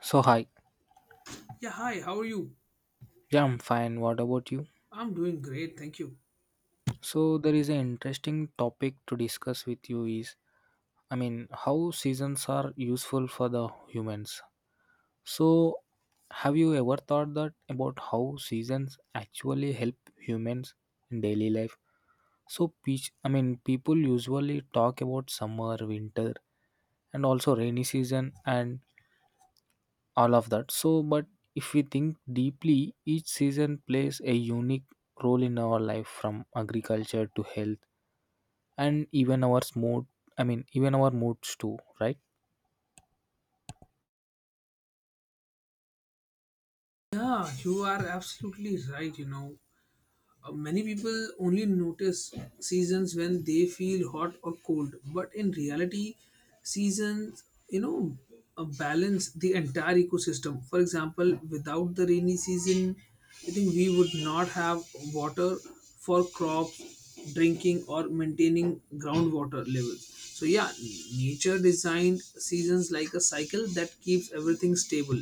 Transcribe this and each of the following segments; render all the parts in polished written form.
So hi, Yeah, hi, how are you? yeah, I'm fine. What about you? I'm doing great, thank you. So there is an interesting topic to discuss with you is, I mean, how seasons are useful for the humans. So have you ever thought that about how seasons actually help humans in daily life? So peach, I mean, people usually talk about summer, winter, and also rainy season and all of that so but if we think deeply each season plays a unique role in our life from agriculture to health and even our mood, I mean, even our moods too, right? Yeah, you are absolutely right, you know. Many people only notice seasons when they feel hot or cold, but in reality seasons, you know, balance the entire ecosystem. For example, without the rainy season, I think we would not have water for crops, drinking, or maintaining groundwater levels. So yeah, nature designed seasons like a cycle that keeps everything stable.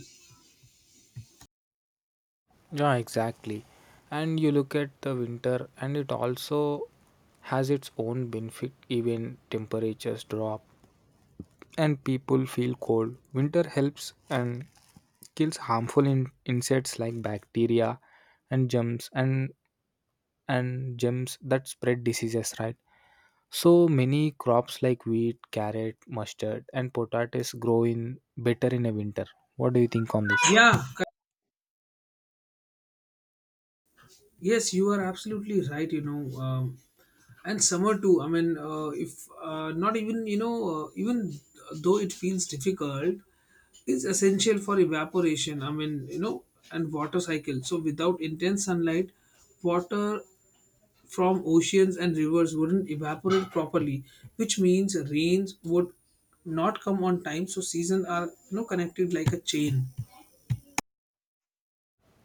Yeah, exactly. And you look at the winter and it also has its own benefit. Even temperatures drop and people feel cold, winter helps and kills harmful insects like bacteria and germs and and germs that spread diseases, right? So many crops like wheat, carrot, mustard and potatoes grow in better in a winter. What do you think on this? yeah cor- yes, you are absolutely right, you know. And summer too, I mean if not even you know even though it feels difficult, is essential for evaporation, I mean, you know, and water cycle. So without intense sunlight, water from oceans and rivers wouldn't evaporate properly, which means rains would not come on time. So seasons are, you know, connected like a chain.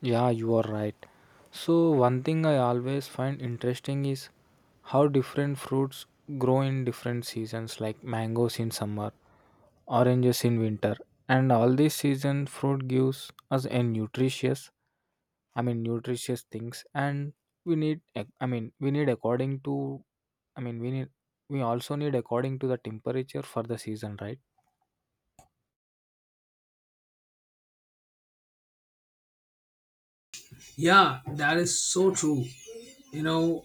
Yeah, you are right. So one thing I always find interesting is how different fruits grow in different seasons, like mangoes in summer, oranges in winter, and all these season fruit gives us a nutritious, I mean, nutritious things and I mean, we need according to, I mean, we also need according to the temperature for the season, right? Yeah, that is so true. You know,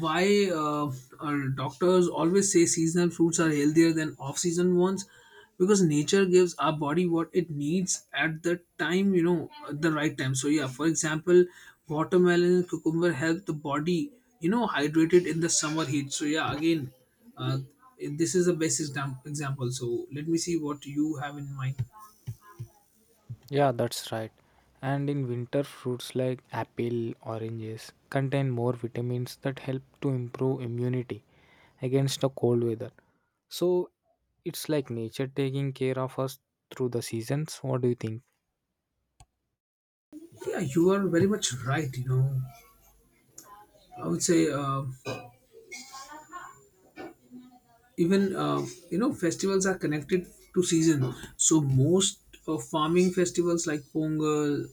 why our doctors always say seasonal fruits are healthier than off season ones? Because nature gives our body what it needs at the time, you know, at the right time. So, yeah, for example, watermelon and cucumber help the body, you know, hydrated in the summer heat. So, yeah, again, uh, this is the best example. So let me see what you have in mind. Yeah, that's right. And in winter fruits like apple, oranges contain more vitamins that help to improve immunity against the cold weather. So it's like nature taking care of us through the seasons. What do you think? Yeah, you are very much right. You know, I would say. Even You know, festivals are connected to season. So most farming festivals like pongal,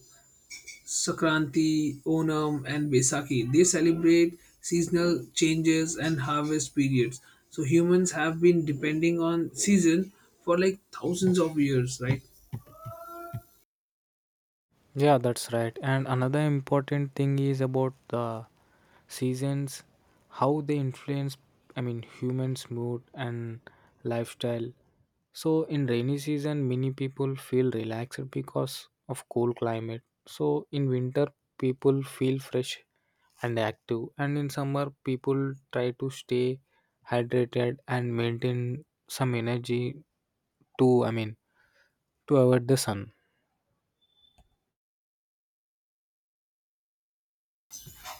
sakranti, onam, and besaki, they celebrate seasonal changes and harvest periods. So humans have been depending on season for like thousands of years, right? Yeah, that's right. And another important thing is about the seasons, how they influence, I mean, humans' mood and lifestyle. So, in rainy season, many people feel relaxed because of cool climate. So, in winter, people feel fresh and active. And in summer, people try to stay hydrated and maintain some energy to, I mean, to avoid the sun.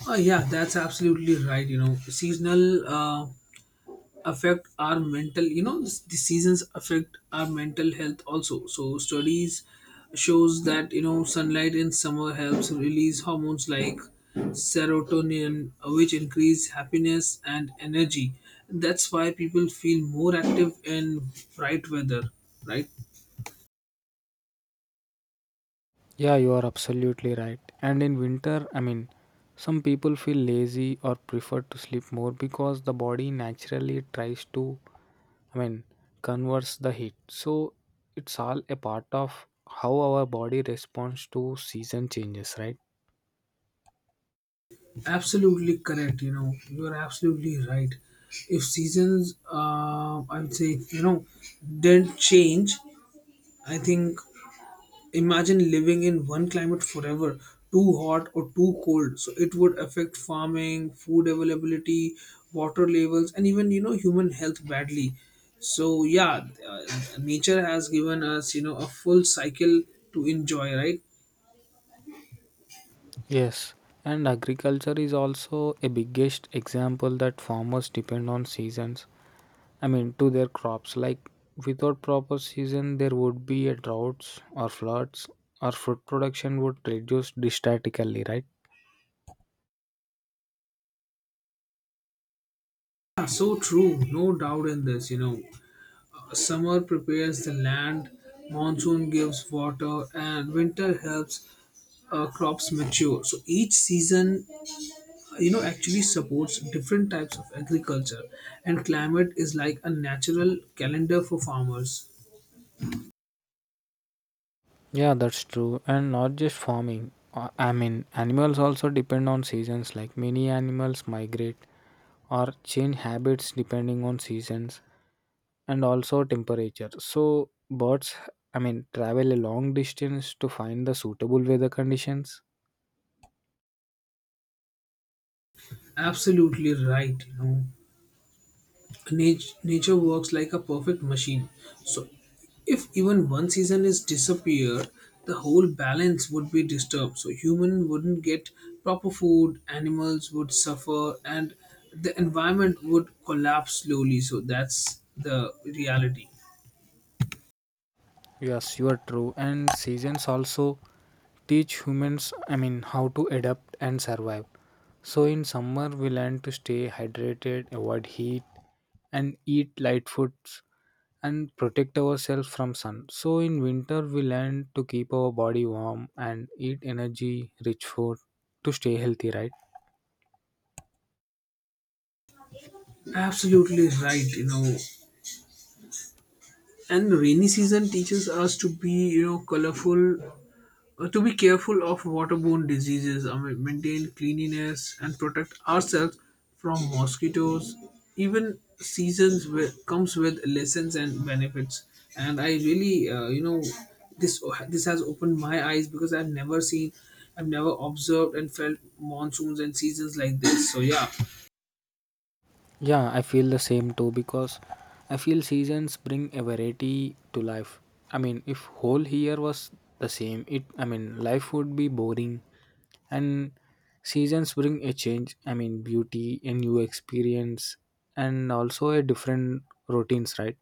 Oh yeah, that's absolutely right. You know, seasonal affect our mental you know the seasons affect our mental health also. So studies shows that, you know, sunlight in summer helps release hormones like serotonin, which increase happiness and energy. That's why people feel more active in bright weather, right? Yeah, you are absolutely right. And in winter, I mean, some people feel lazy or prefer to sleep more because the body naturally tries to, I mean, converse the heat. So it's all a part of how our body responds to season changes, right? Absolutely correct, you know. You are absolutely right. If seasons, I would say, you know, didn't change, I think. Imagine living in one climate forever, too hot or too cold. So it would affect farming, food availability, water levels, and even, you know, human health badly. So yeah, nature has given us, you know, a full cycle to enjoy, right? Yes. And agriculture is also a biggest example that farmers depend on seasons, I mean, to their crops. Like without proper season, there would be a droughts or floods, or fruit production would reduce drastically, right? Yeah, so true, no doubt in this. You know, summer prepares the land, monsoon gives water, and winter helps crops mature. So each season, you know, actually supports different types of agriculture, and climate is like a natural calendar for farmers. Yeah, that's true. And not just farming. I mean, animals also depend on seasons. Like many animals migrate or change habits depending on seasons and also temperature. So birds, I mean, travel a long distance to find the suitable weather conditions. Absolutely right, you know. Nature works like a perfect machine. So if even one season is disappear, the whole balance would be disturbed. So human wouldn't get proper food, animals would suffer, and the environment would collapse slowly. So that's the reality. Yes, you are true. And seasons also teach humans, I mean, how to adapt and survive. So, in summer, we learn to stay hydrated, avoid heat, and eat light foods and protect ourselves from sun. So, in winter, we learn to keep our body warm and eat energy rich food to stay healthy, right? Absolutely right, you know. And rainy season teaches us to be, you know, colorful, to be careful of waterborne diseases, I mean, maintain cleanliness, and protect ourselves from mosquitoes. Even comes with lessons and benefits. And I really, you know, this this has opened my eyes because I've never seen, I've never observed and felt monsoons and seasons like this. So yeah, Yeah, I feel the same too because I feel seasons bring a variety to life. I mean, if whole year was the same, it, I mean, life would be boring and seasons bring a change. I mean, beauty, a new experience and also a different routines, right?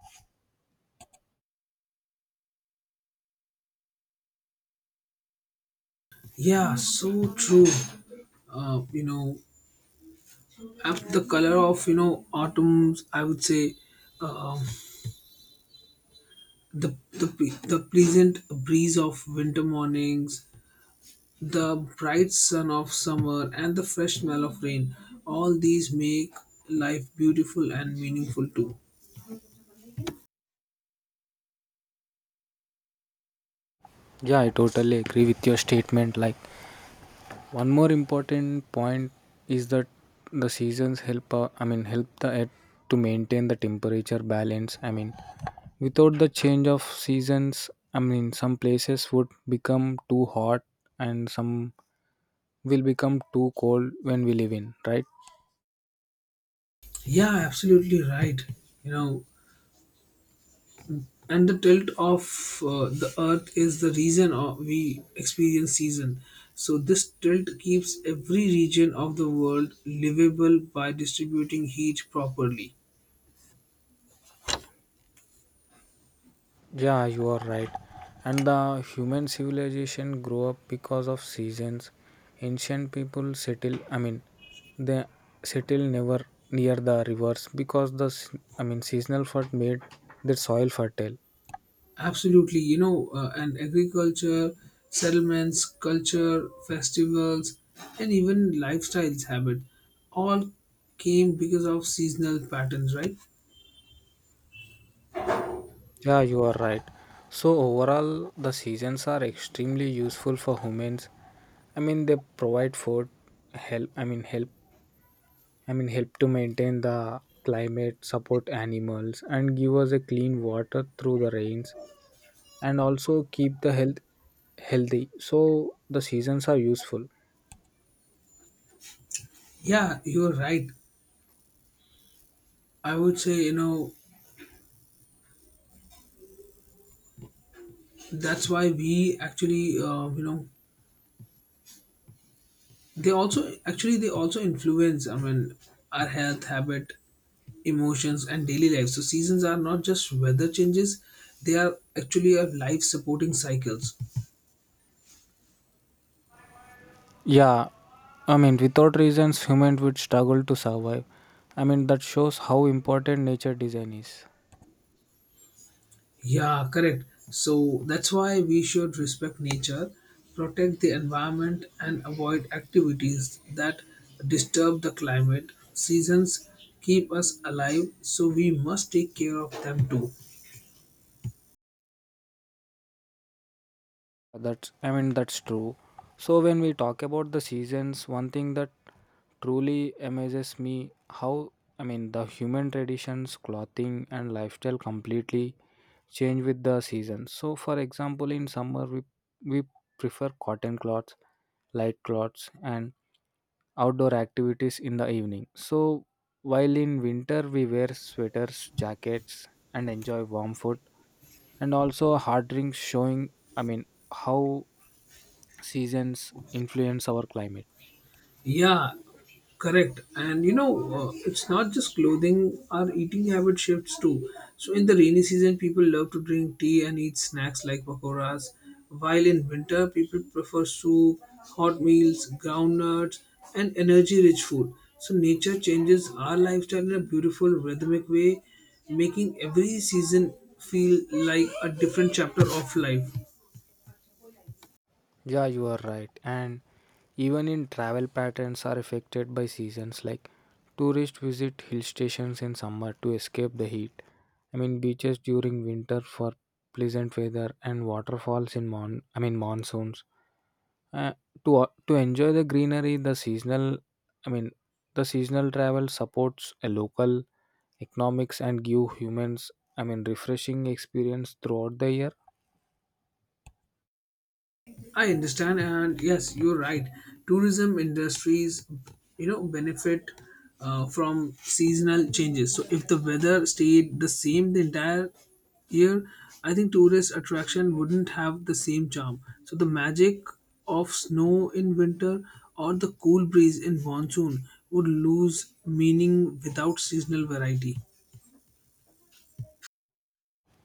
yeah, so true. You know, I the color of, you know, autumns. I would say, um, the the pleasant breeze of winter mornings, the bright sun of summer, and the fresh smell of rain. All these make life beautiful and meaningful too. Yeah, I totally agree with your statement. Like one more important point is that the seasons help, I mean, help the earth to maintain the temperature balance. I mean, without the change of seasons, I mean, some places would become too hot and some will become too cold when we live in, right? Yeah, absolutely right. You know, and the tilt of, the earth is the reason of we experience season. So this tilt keeps every region of the world livable by distributing heat properly. Yeah, you are right. And the human civilization grew up because of seasons. Ancient people settle, I mean, they settle never near the rivers because the, I mean, seasonal flood made the soil fertile. Absolutely, you know, and agriculture, settlements, culture, festivals, and even lifestyles habit, all came because of seasonal patterns, right? Yeah, you are right. So overall, the seasons are extremely useful for humans. I mean, they provide food, help. I mean, help. help to maintain the climate, support animals, and give us a clean water through the rains. And also keep the health healthy, so the seasons are useful. Yeah, you're right. I would say, you know, that's why we actually, you know, they also influence. I mean, our health, habit, emotions, and daily life. So seasons are not just weather changes; they are actually our life supporting cycles. Yeah, I mean, without reasons, humans would struggle to survive. I mean, that shows how important nature design is. Yeah, correct. So that's why we should respect nature, protect the environment, and avoid activities that disturb the climate. Seasons keep us alive, so we must take care of them too. That's, I mean, that's true. So when we talk about the seasons, one thing that truly amazes me how, I mean, the human traditions, clothing, and lifestyle completely change with the seasons. So, for example, in summer, we prefer cotton cloths, light cloths, and outdoor activities in the evening. So, while in winter, we wear sweaters, jackets, and enjoy warm food, and also hard drinks showing, I mean, how seasons influence our climate. Yeah, correct. And you know, it's not just clothing, our eating habit shifts too. So in the rainy season, people love to drink tea and eat snacks like pakoras, while in winter, people prefer soup, hot meals, ground nuts, and energy rich food. So nature changes our lifestyle in a beautiful, rhythmic way, making every season feel like a different chapter of life. Yeah, you are right. And even in travel patterns are affected by seasons, like tourists visit hill stations in summer to escape the heat. I mean beaches during winter for pleasant weather and waterfalls in mon I mean monsoons. Uh, to enjoy the greenery, the seasonal, I mean, the seasonal travel supports a local economics and give humans, I mean, refreshing experience throughout the year. I understand, and yes, you're right. Tourism industries, you know, benefit from seasonal changes. So if the weather stayed the same the entire year, I think tourist attraction wouldn't have the same charm. So the magic of snow in winter or the cool breeze in monsoon would lose meaning without seasonal variety.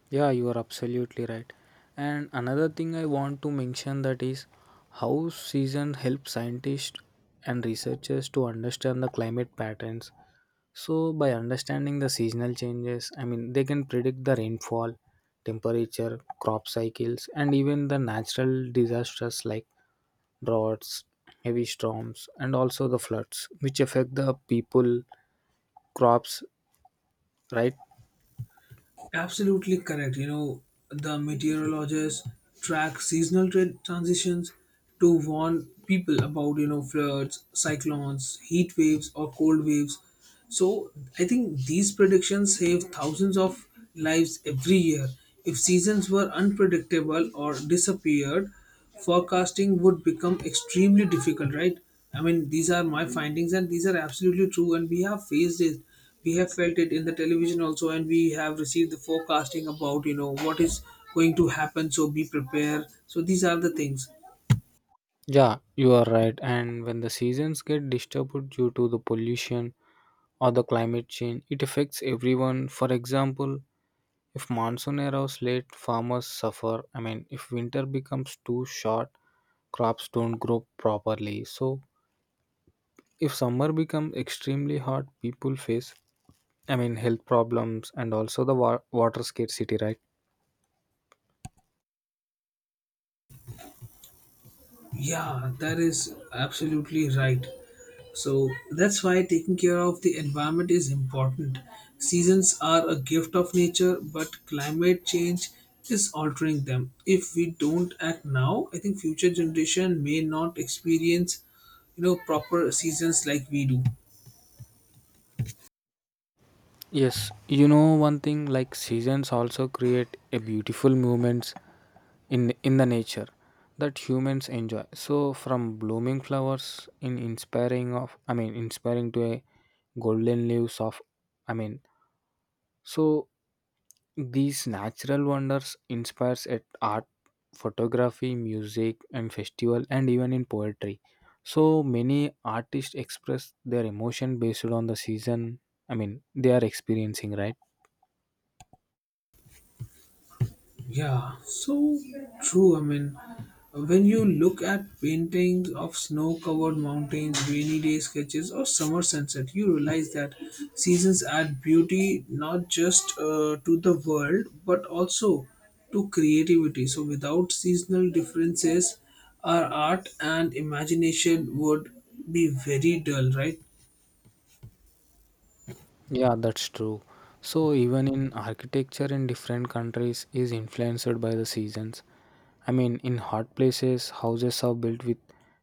Yeah, you are absolutely right. And another thing I want to mention that is how season help scientists and researchers to understand the climate patterns. So by understanding the seasonal changes, I mean, they can predict the rainfall, temperature, crop cycles, and even the natural disasters like droughts, heavy storms, and also the floods, which affect the people, crops, right? Absolutely correct. You know, the meteorologists track transitions to warn people about, you know, floods, cyclones, heat waves, or cold waves. So I think these predictions save thousands of lives every year. If seasons were unpredictable or disappeared, forecasting would become extremely difficult, right? I mean, these are my findings, and these are absolutely true. And we have faced it, we have felt it in the television also, and we have received the forecasting about, you know, what is going to happen. So be prepared. So these are the things. Yeah, you are right. And when the seasons get disturbed due to the pollution or the climate change, it affects everyone. For example, if monsoon arrives late, farmers suffer. I mean, if winter becomes too short, crops don't grow properly. So, if summer becomes extremely hot, people face, I mean, health problems and also the water scarcity, right? Yeah, that is absolutely right. So that's why taking care of the environment is important. Seasons are a gift of nature, but climate change is altering them. If we don't act now, I think future generation may not experience, you know, proper seasons like we do. Yes, you know one thing, like seasons also create a beautiful moments in the nature that humans enjoy. So from blooming flowers in inspiring of, I mean, inspiring to a golden leaves of, I mean, so these natural wonders inspires at art, photography, music and festival, and even in poetry. So many artists express their emotion based on the season, I mean, they are experiencing, right? Yeah, so true. I mean, when you look at paintings of snow covered mountains, rainy day sketches, or summer sunset, you realize that seasons add beauty not just, to the world but also to creativity. So without seasonal differences, our art and imagination would be very dull, right? Yeah, that's true. So even in architecture in different countries is influenced by the seasons. I mean, in hot places, houses are built with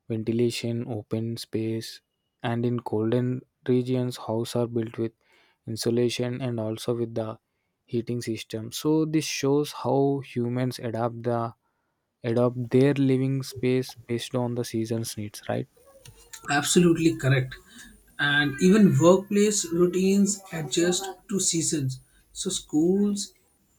ventilation, open space, and in colder regions, houses are built with insulation and also with the heating system. So this shows how humans adapt the adopt their living space based on the season's needs, right? Absolutely correct. And even workplace routines adjust to seasons. So schools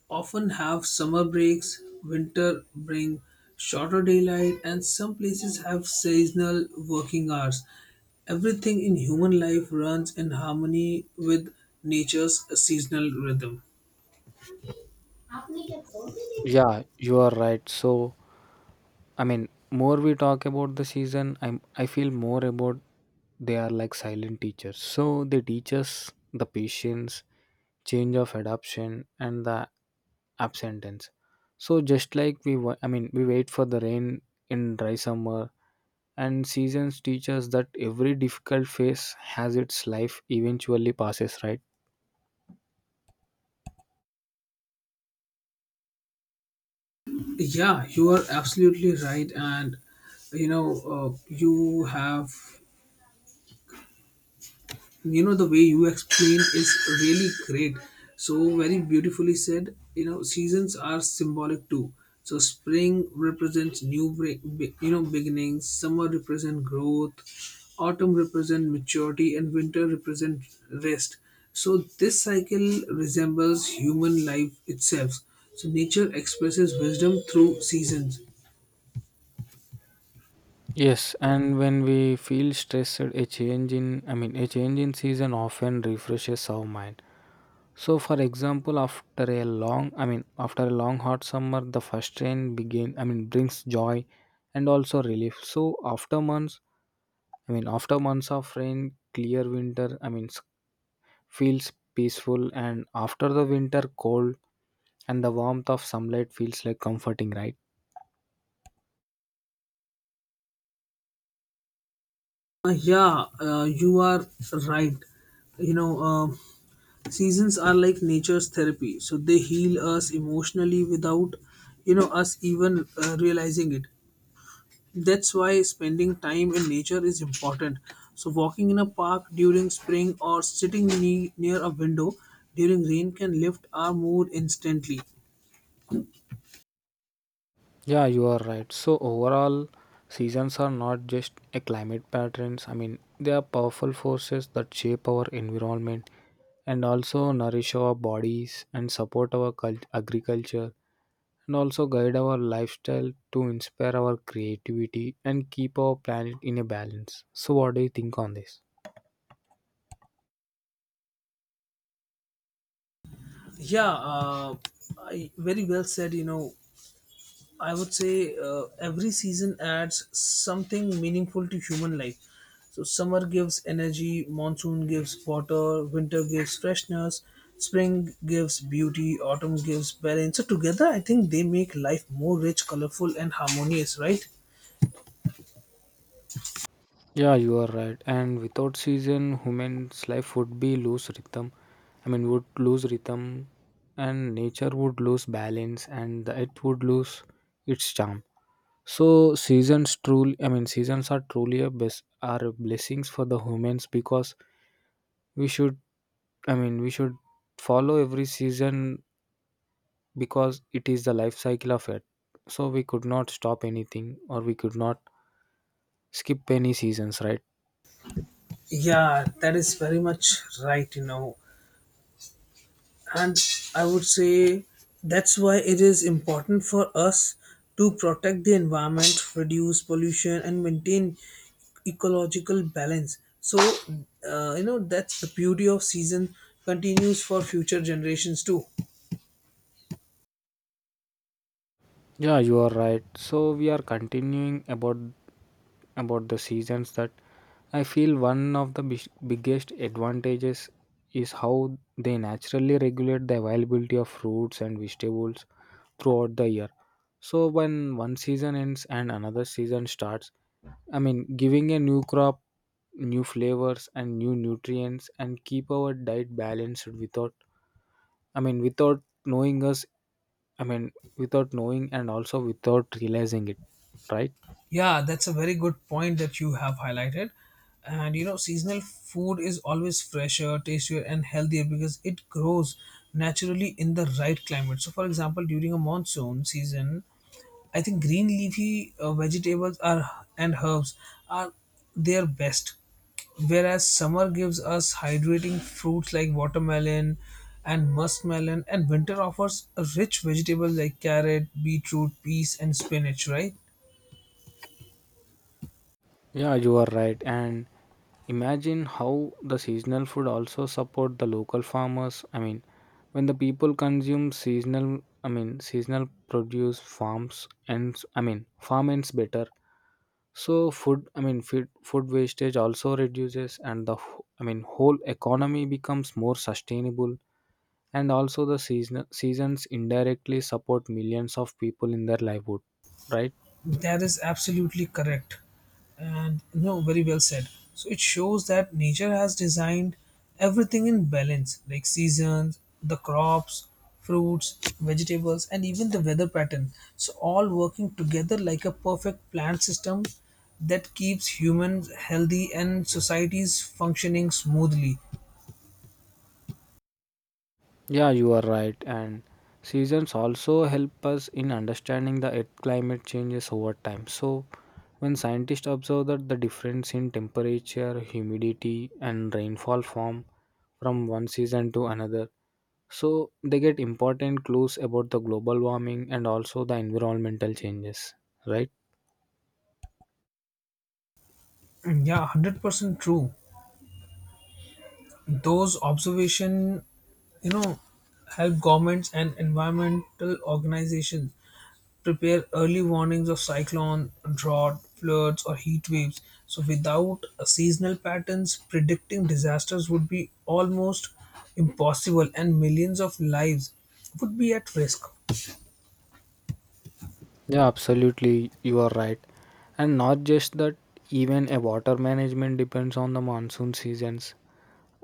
often have summer breaks, winter bring shorter daylight, and some places have seasonal working hours. Everything in human life runs in harmony with nature's seasonal rhythm. Yeah, you are right. So, I mean, more we talk about the season, I feel more about they are like silent teachers. So they teach us the patience, change of adoption, and the absentence. So just like we, I mean, we wait for the rain in dry summer, and seasons teach us that every difficult phase has its life eventually passes, right? Yeah, you are absolutely right, and you know, you have, you know, the way you explained is really great. So very beautifully said, you know, seasons are symbolic too. So spring represents you know, beginnings, summer represent growth, autumn represent maturity, and winter represent rest. So this cycle resembles human life itself. So nature expresses wisdom through seasons. Yes, and when we feel stressed, a change in, I mean, a change in season often refreshes our mind. So, for example, after a long, I mean, after a long hot summer, the first rain begin, I mean, brings joy and also relief. So, after months, I mean, after months of rain, clear winter, I mean, feels peaceful, and after the winter, cold and the warmth of sunlight feels like comforting, right? Yeah, you are right. You know, seasons are like nature's therapy, so they heal us emotionally without, you know, us even, realizing it. That's why spending time in nature is important. So walking in a park during spring or sitting near a window during rain can lift our mood instantly. Yeah, you are right. So overall, seasons are not just a climate patterns. I mean, they are powerful forces that shape our environment and also nourish our bodies and support our agriculture and also guide our lifestyle to inspire our creativity and keep our planet in a balance. So what do you think on this? Yeah, I, very well said. You know, I would say, every season adds something meaningful to human life. So summer gives energy, monsoon gives water, winter gives freshness, spring gives beauty, autumn gives balance. So together, I think they make life more rich, colorful, and harmonious. Right? Yeah, you are right. And without season, human's life would be lose rhythm. I mean, would lose rhythm, and nature would lose balance, and the earth would lose its charm. So seasons truly, I mean, seasons are truly a are blessings for the humans because we should, I mean, we should follow every season because it is the life cycle of it. So we could not stop anything, or we could not skip any seasons, right? Yeah, that is very much right. You know, and I would say that's why it is important for us to protect the environment, reduce pollution, and maintain ecological balance. So you know, that's the beauty of season continues for future generations too. Yeah, you are right. So we are continuing about the seasons that I feel one of the biggest advantages is how they naturally regulate the availability of fruits and vegetables throughout the year. So when one season ends and another season starts, I mean giving a new crop, new flavors and new nutrients and keep our diet balanced without, I mean, without knowing us, I mean, without knowing and also without realizing it, right? Yeah, that's a very good point that you have highlighted. And you know, seasonal food is always fresher, tastier, and healthier because it grows naturally in the right climate. So for example, during a monsoon season, I think green leafy vegetables are and herbs are their best, whereas summer gives us hydrating fruits like watermelon and muskmelon, and winter offers a rich vegetables like carrot, beetroot, peas, and spinach. Right? Yeah, you are right. And imagine how the seasonal food also support the local farmers. I mean, when the people consume seasonal, I mean, seasonal produce farms and, I mean, farm ends better. So food, I mean, food wastage also reduces, and the I mean, whole economy becomes more sustainable. And also, the seasons indirectly support millions of people in their livelihood, right? That is absolutely correct. And no, very well said. So it shows that nature has designed everything in balance, like seasons, the crops, fruits, vegetables, and even the weather pattern. So all working together like a perfect plant system that keeps humans healthy and societies functioning smoothly. Yeah, you are right. And seasons also help us in understanding the earth climate changes over time. So, when scientists observe that the difference in temperature, humidity, and rainfall form from one season to another, so they get important clues about the global warming and also the environmental changes, right? And yeah, 100% true. Those observation, you know, help governments and environmental organizations prepare early warnings of cyclone, drought, floods, or heat waves. So without seasonal patterns, predicting disasters would be almost impossible and millions of lives would be at risk. Yeah, absolutely. You are right. And not just that, even a water management depends on the monsoon seasons.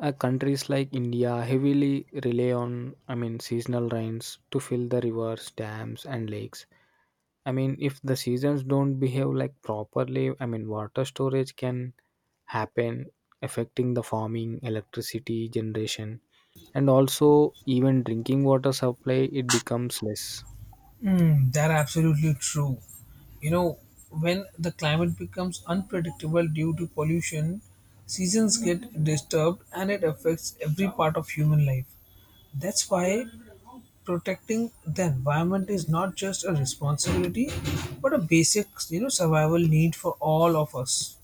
Countries like India heavily rely on, I mean, seasonal rains to fill the rivers, dams, and lakes. I mean, if the seasons don't behave like properly, I mean, water storage can happen, affecting the farming, electricity generation, and also even drinking water supply. It becomes less. Mm, that absolutely true. You know, when the climate becomes unpredictable due to pollution, seasons get disturbed and it affects every part of human life. That's why protecting the environment is not just a responsibility but a basic, you know, survival need for all of us.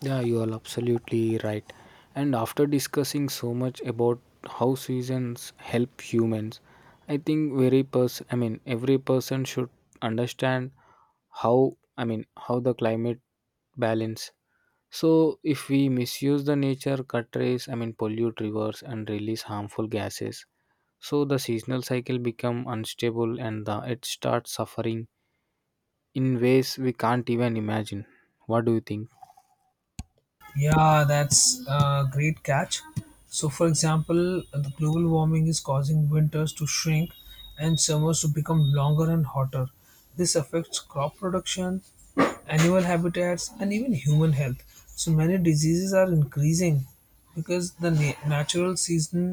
Yeah, you are absolutely right. And after discussing so much about how seasons help humans, I think very person, I mean, every person should understand how, I mean, how the climate balance. So if we misuse the nature, cut trees, I mean pollute rivers and release harmful gases, so the seasonal cycle become unstable and the, it starts suffering in ways we can't even imagine. What do you think? Yeah, that's a great catch. So for example, the global warming is causing winters to shrink and summers to become longer and hotter. This affects crop production, animal habitats, and even human health. So many diseases are increasing because the natural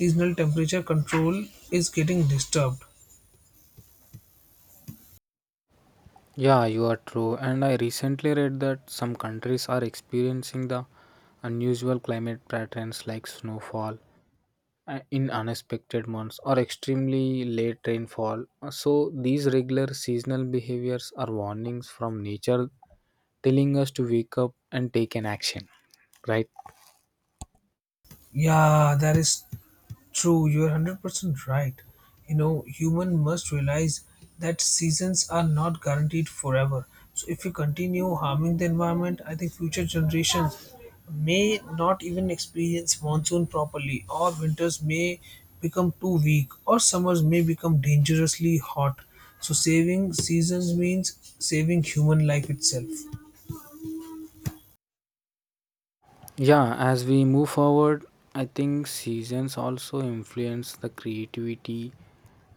seasonal temperature control is getting disturbed. Yeah, you are true. And I recently read that some countries are experiencing the unusual climate patterns like snowfall in unexpected months or extremely late rainfall. So, these regular seasonal behaviors are warnings from nature telling us to wake up and take an action, right? Yeah, that is true. You're 100% right. You know, human must realize that seasons are not guaranteed forever. So if we continue harming the environment, I think future generations may not even experience monsoon properly, or winters may become too weak, or summers may become dangerously hot. So saving seasons means saving human life itself. Yeah, as we move forward, I think seasons also influence the creativity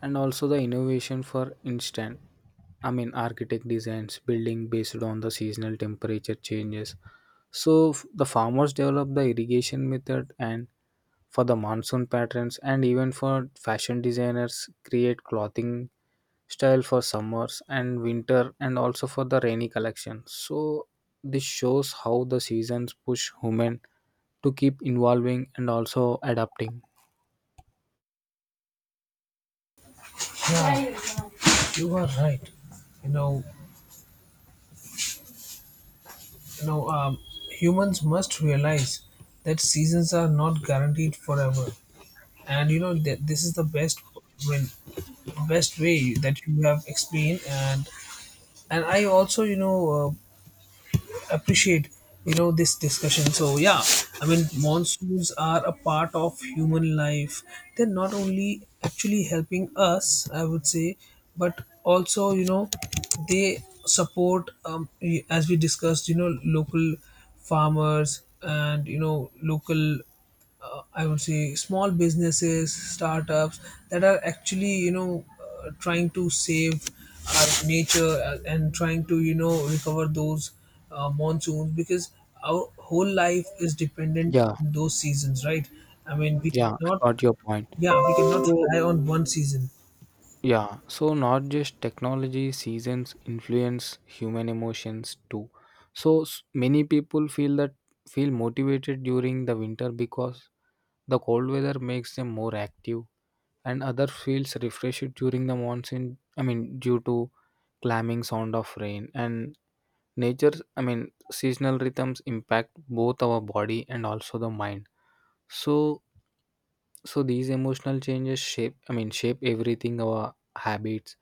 and also the innovation. For instance, I mean, architect designs, building based on the seasonal temperature changes. So the farmers develop the irrigation method and for the monsoon patterns, and even for fashion designers create clothing style for summers and winter and also for the rainy collection. So this shows how the seasons push human to keep involving and also adapting. Yeah, you are right. You know, now, humans must realize that seasons are not guaranteed forever, and you know that this is the when best way that you have explained. And I also, you know, appreciate, you know, this discussion. So yeah, I mean, monsoons are a part of human life. They're not only actually helping us, I would say, but also, you know, they support, as we discussed, you know, local farmers and, you know, local, I would say, small businesses, startups that are actually, you know, trying to save our nature, and trying to, you know, recover those monsoons because our whole life is dependent Yeah, on those seasons, right? I mean, we yeah, I cannot, got your point. yeah, we cannot So, rely on one season. yeah, so not just technology, seasons influence human emotions too. So, many people feel that feel motivated during the winter because the cold weather makes them more active, and other feels refreshed during the monsoon. I mean, due to clamming sound of rain and nature's, I mean, seasonal rhythms impact both our body and also the mind. So, so these emotional changes shape, I mean, shape everything, our habits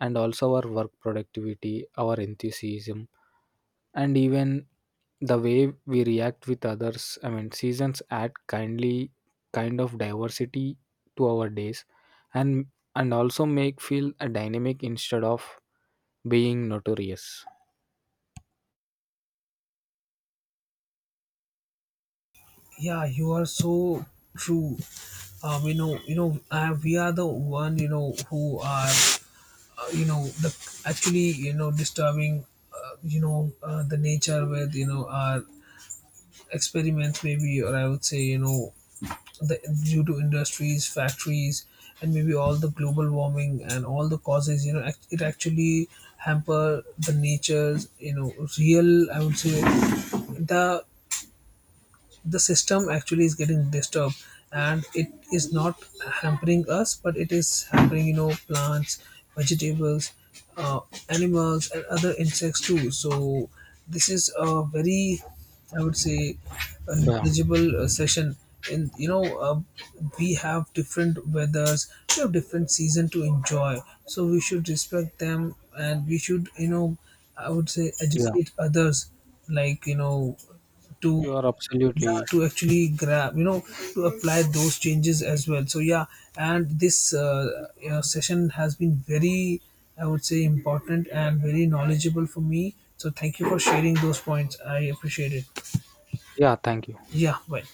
and also our work productivity, our enthusiasm, and even the way we react with others. I mean, seasons add kindly kind of diversity to our days and also make feel a dynamic instead of being notorious. Yeah, you are so true. You know, we are the one, you know, who are, you know, the actually, you know, disturbing, the nature with, you know, our experiments maybe, or I would say, you know, the due to industries, factories, and maybe all the global warming and all the causes, you know, it actually hamper the nature's, you know, real, I would say, the the system actually is getting disturbed. And it is not hampering us, but it is hampering, you know, plants, vegetables, uh, animals, and other insects too. So this is a very, I would say, a Yeah, negligible session. And you know, we have different weathers, we have different season to enjoy. So we should respect them, and we should, you know, I would say, yeah. educate others, like, you know, to, You are yeah, absolutely to actually grab, you know, to apply those changes as well. So yeah, and this, you know, session has been very, I would say, important and very knowledgeable for me. So thank you for sharing those points, I appreciate it. yeah, thank you. Yeah, bye.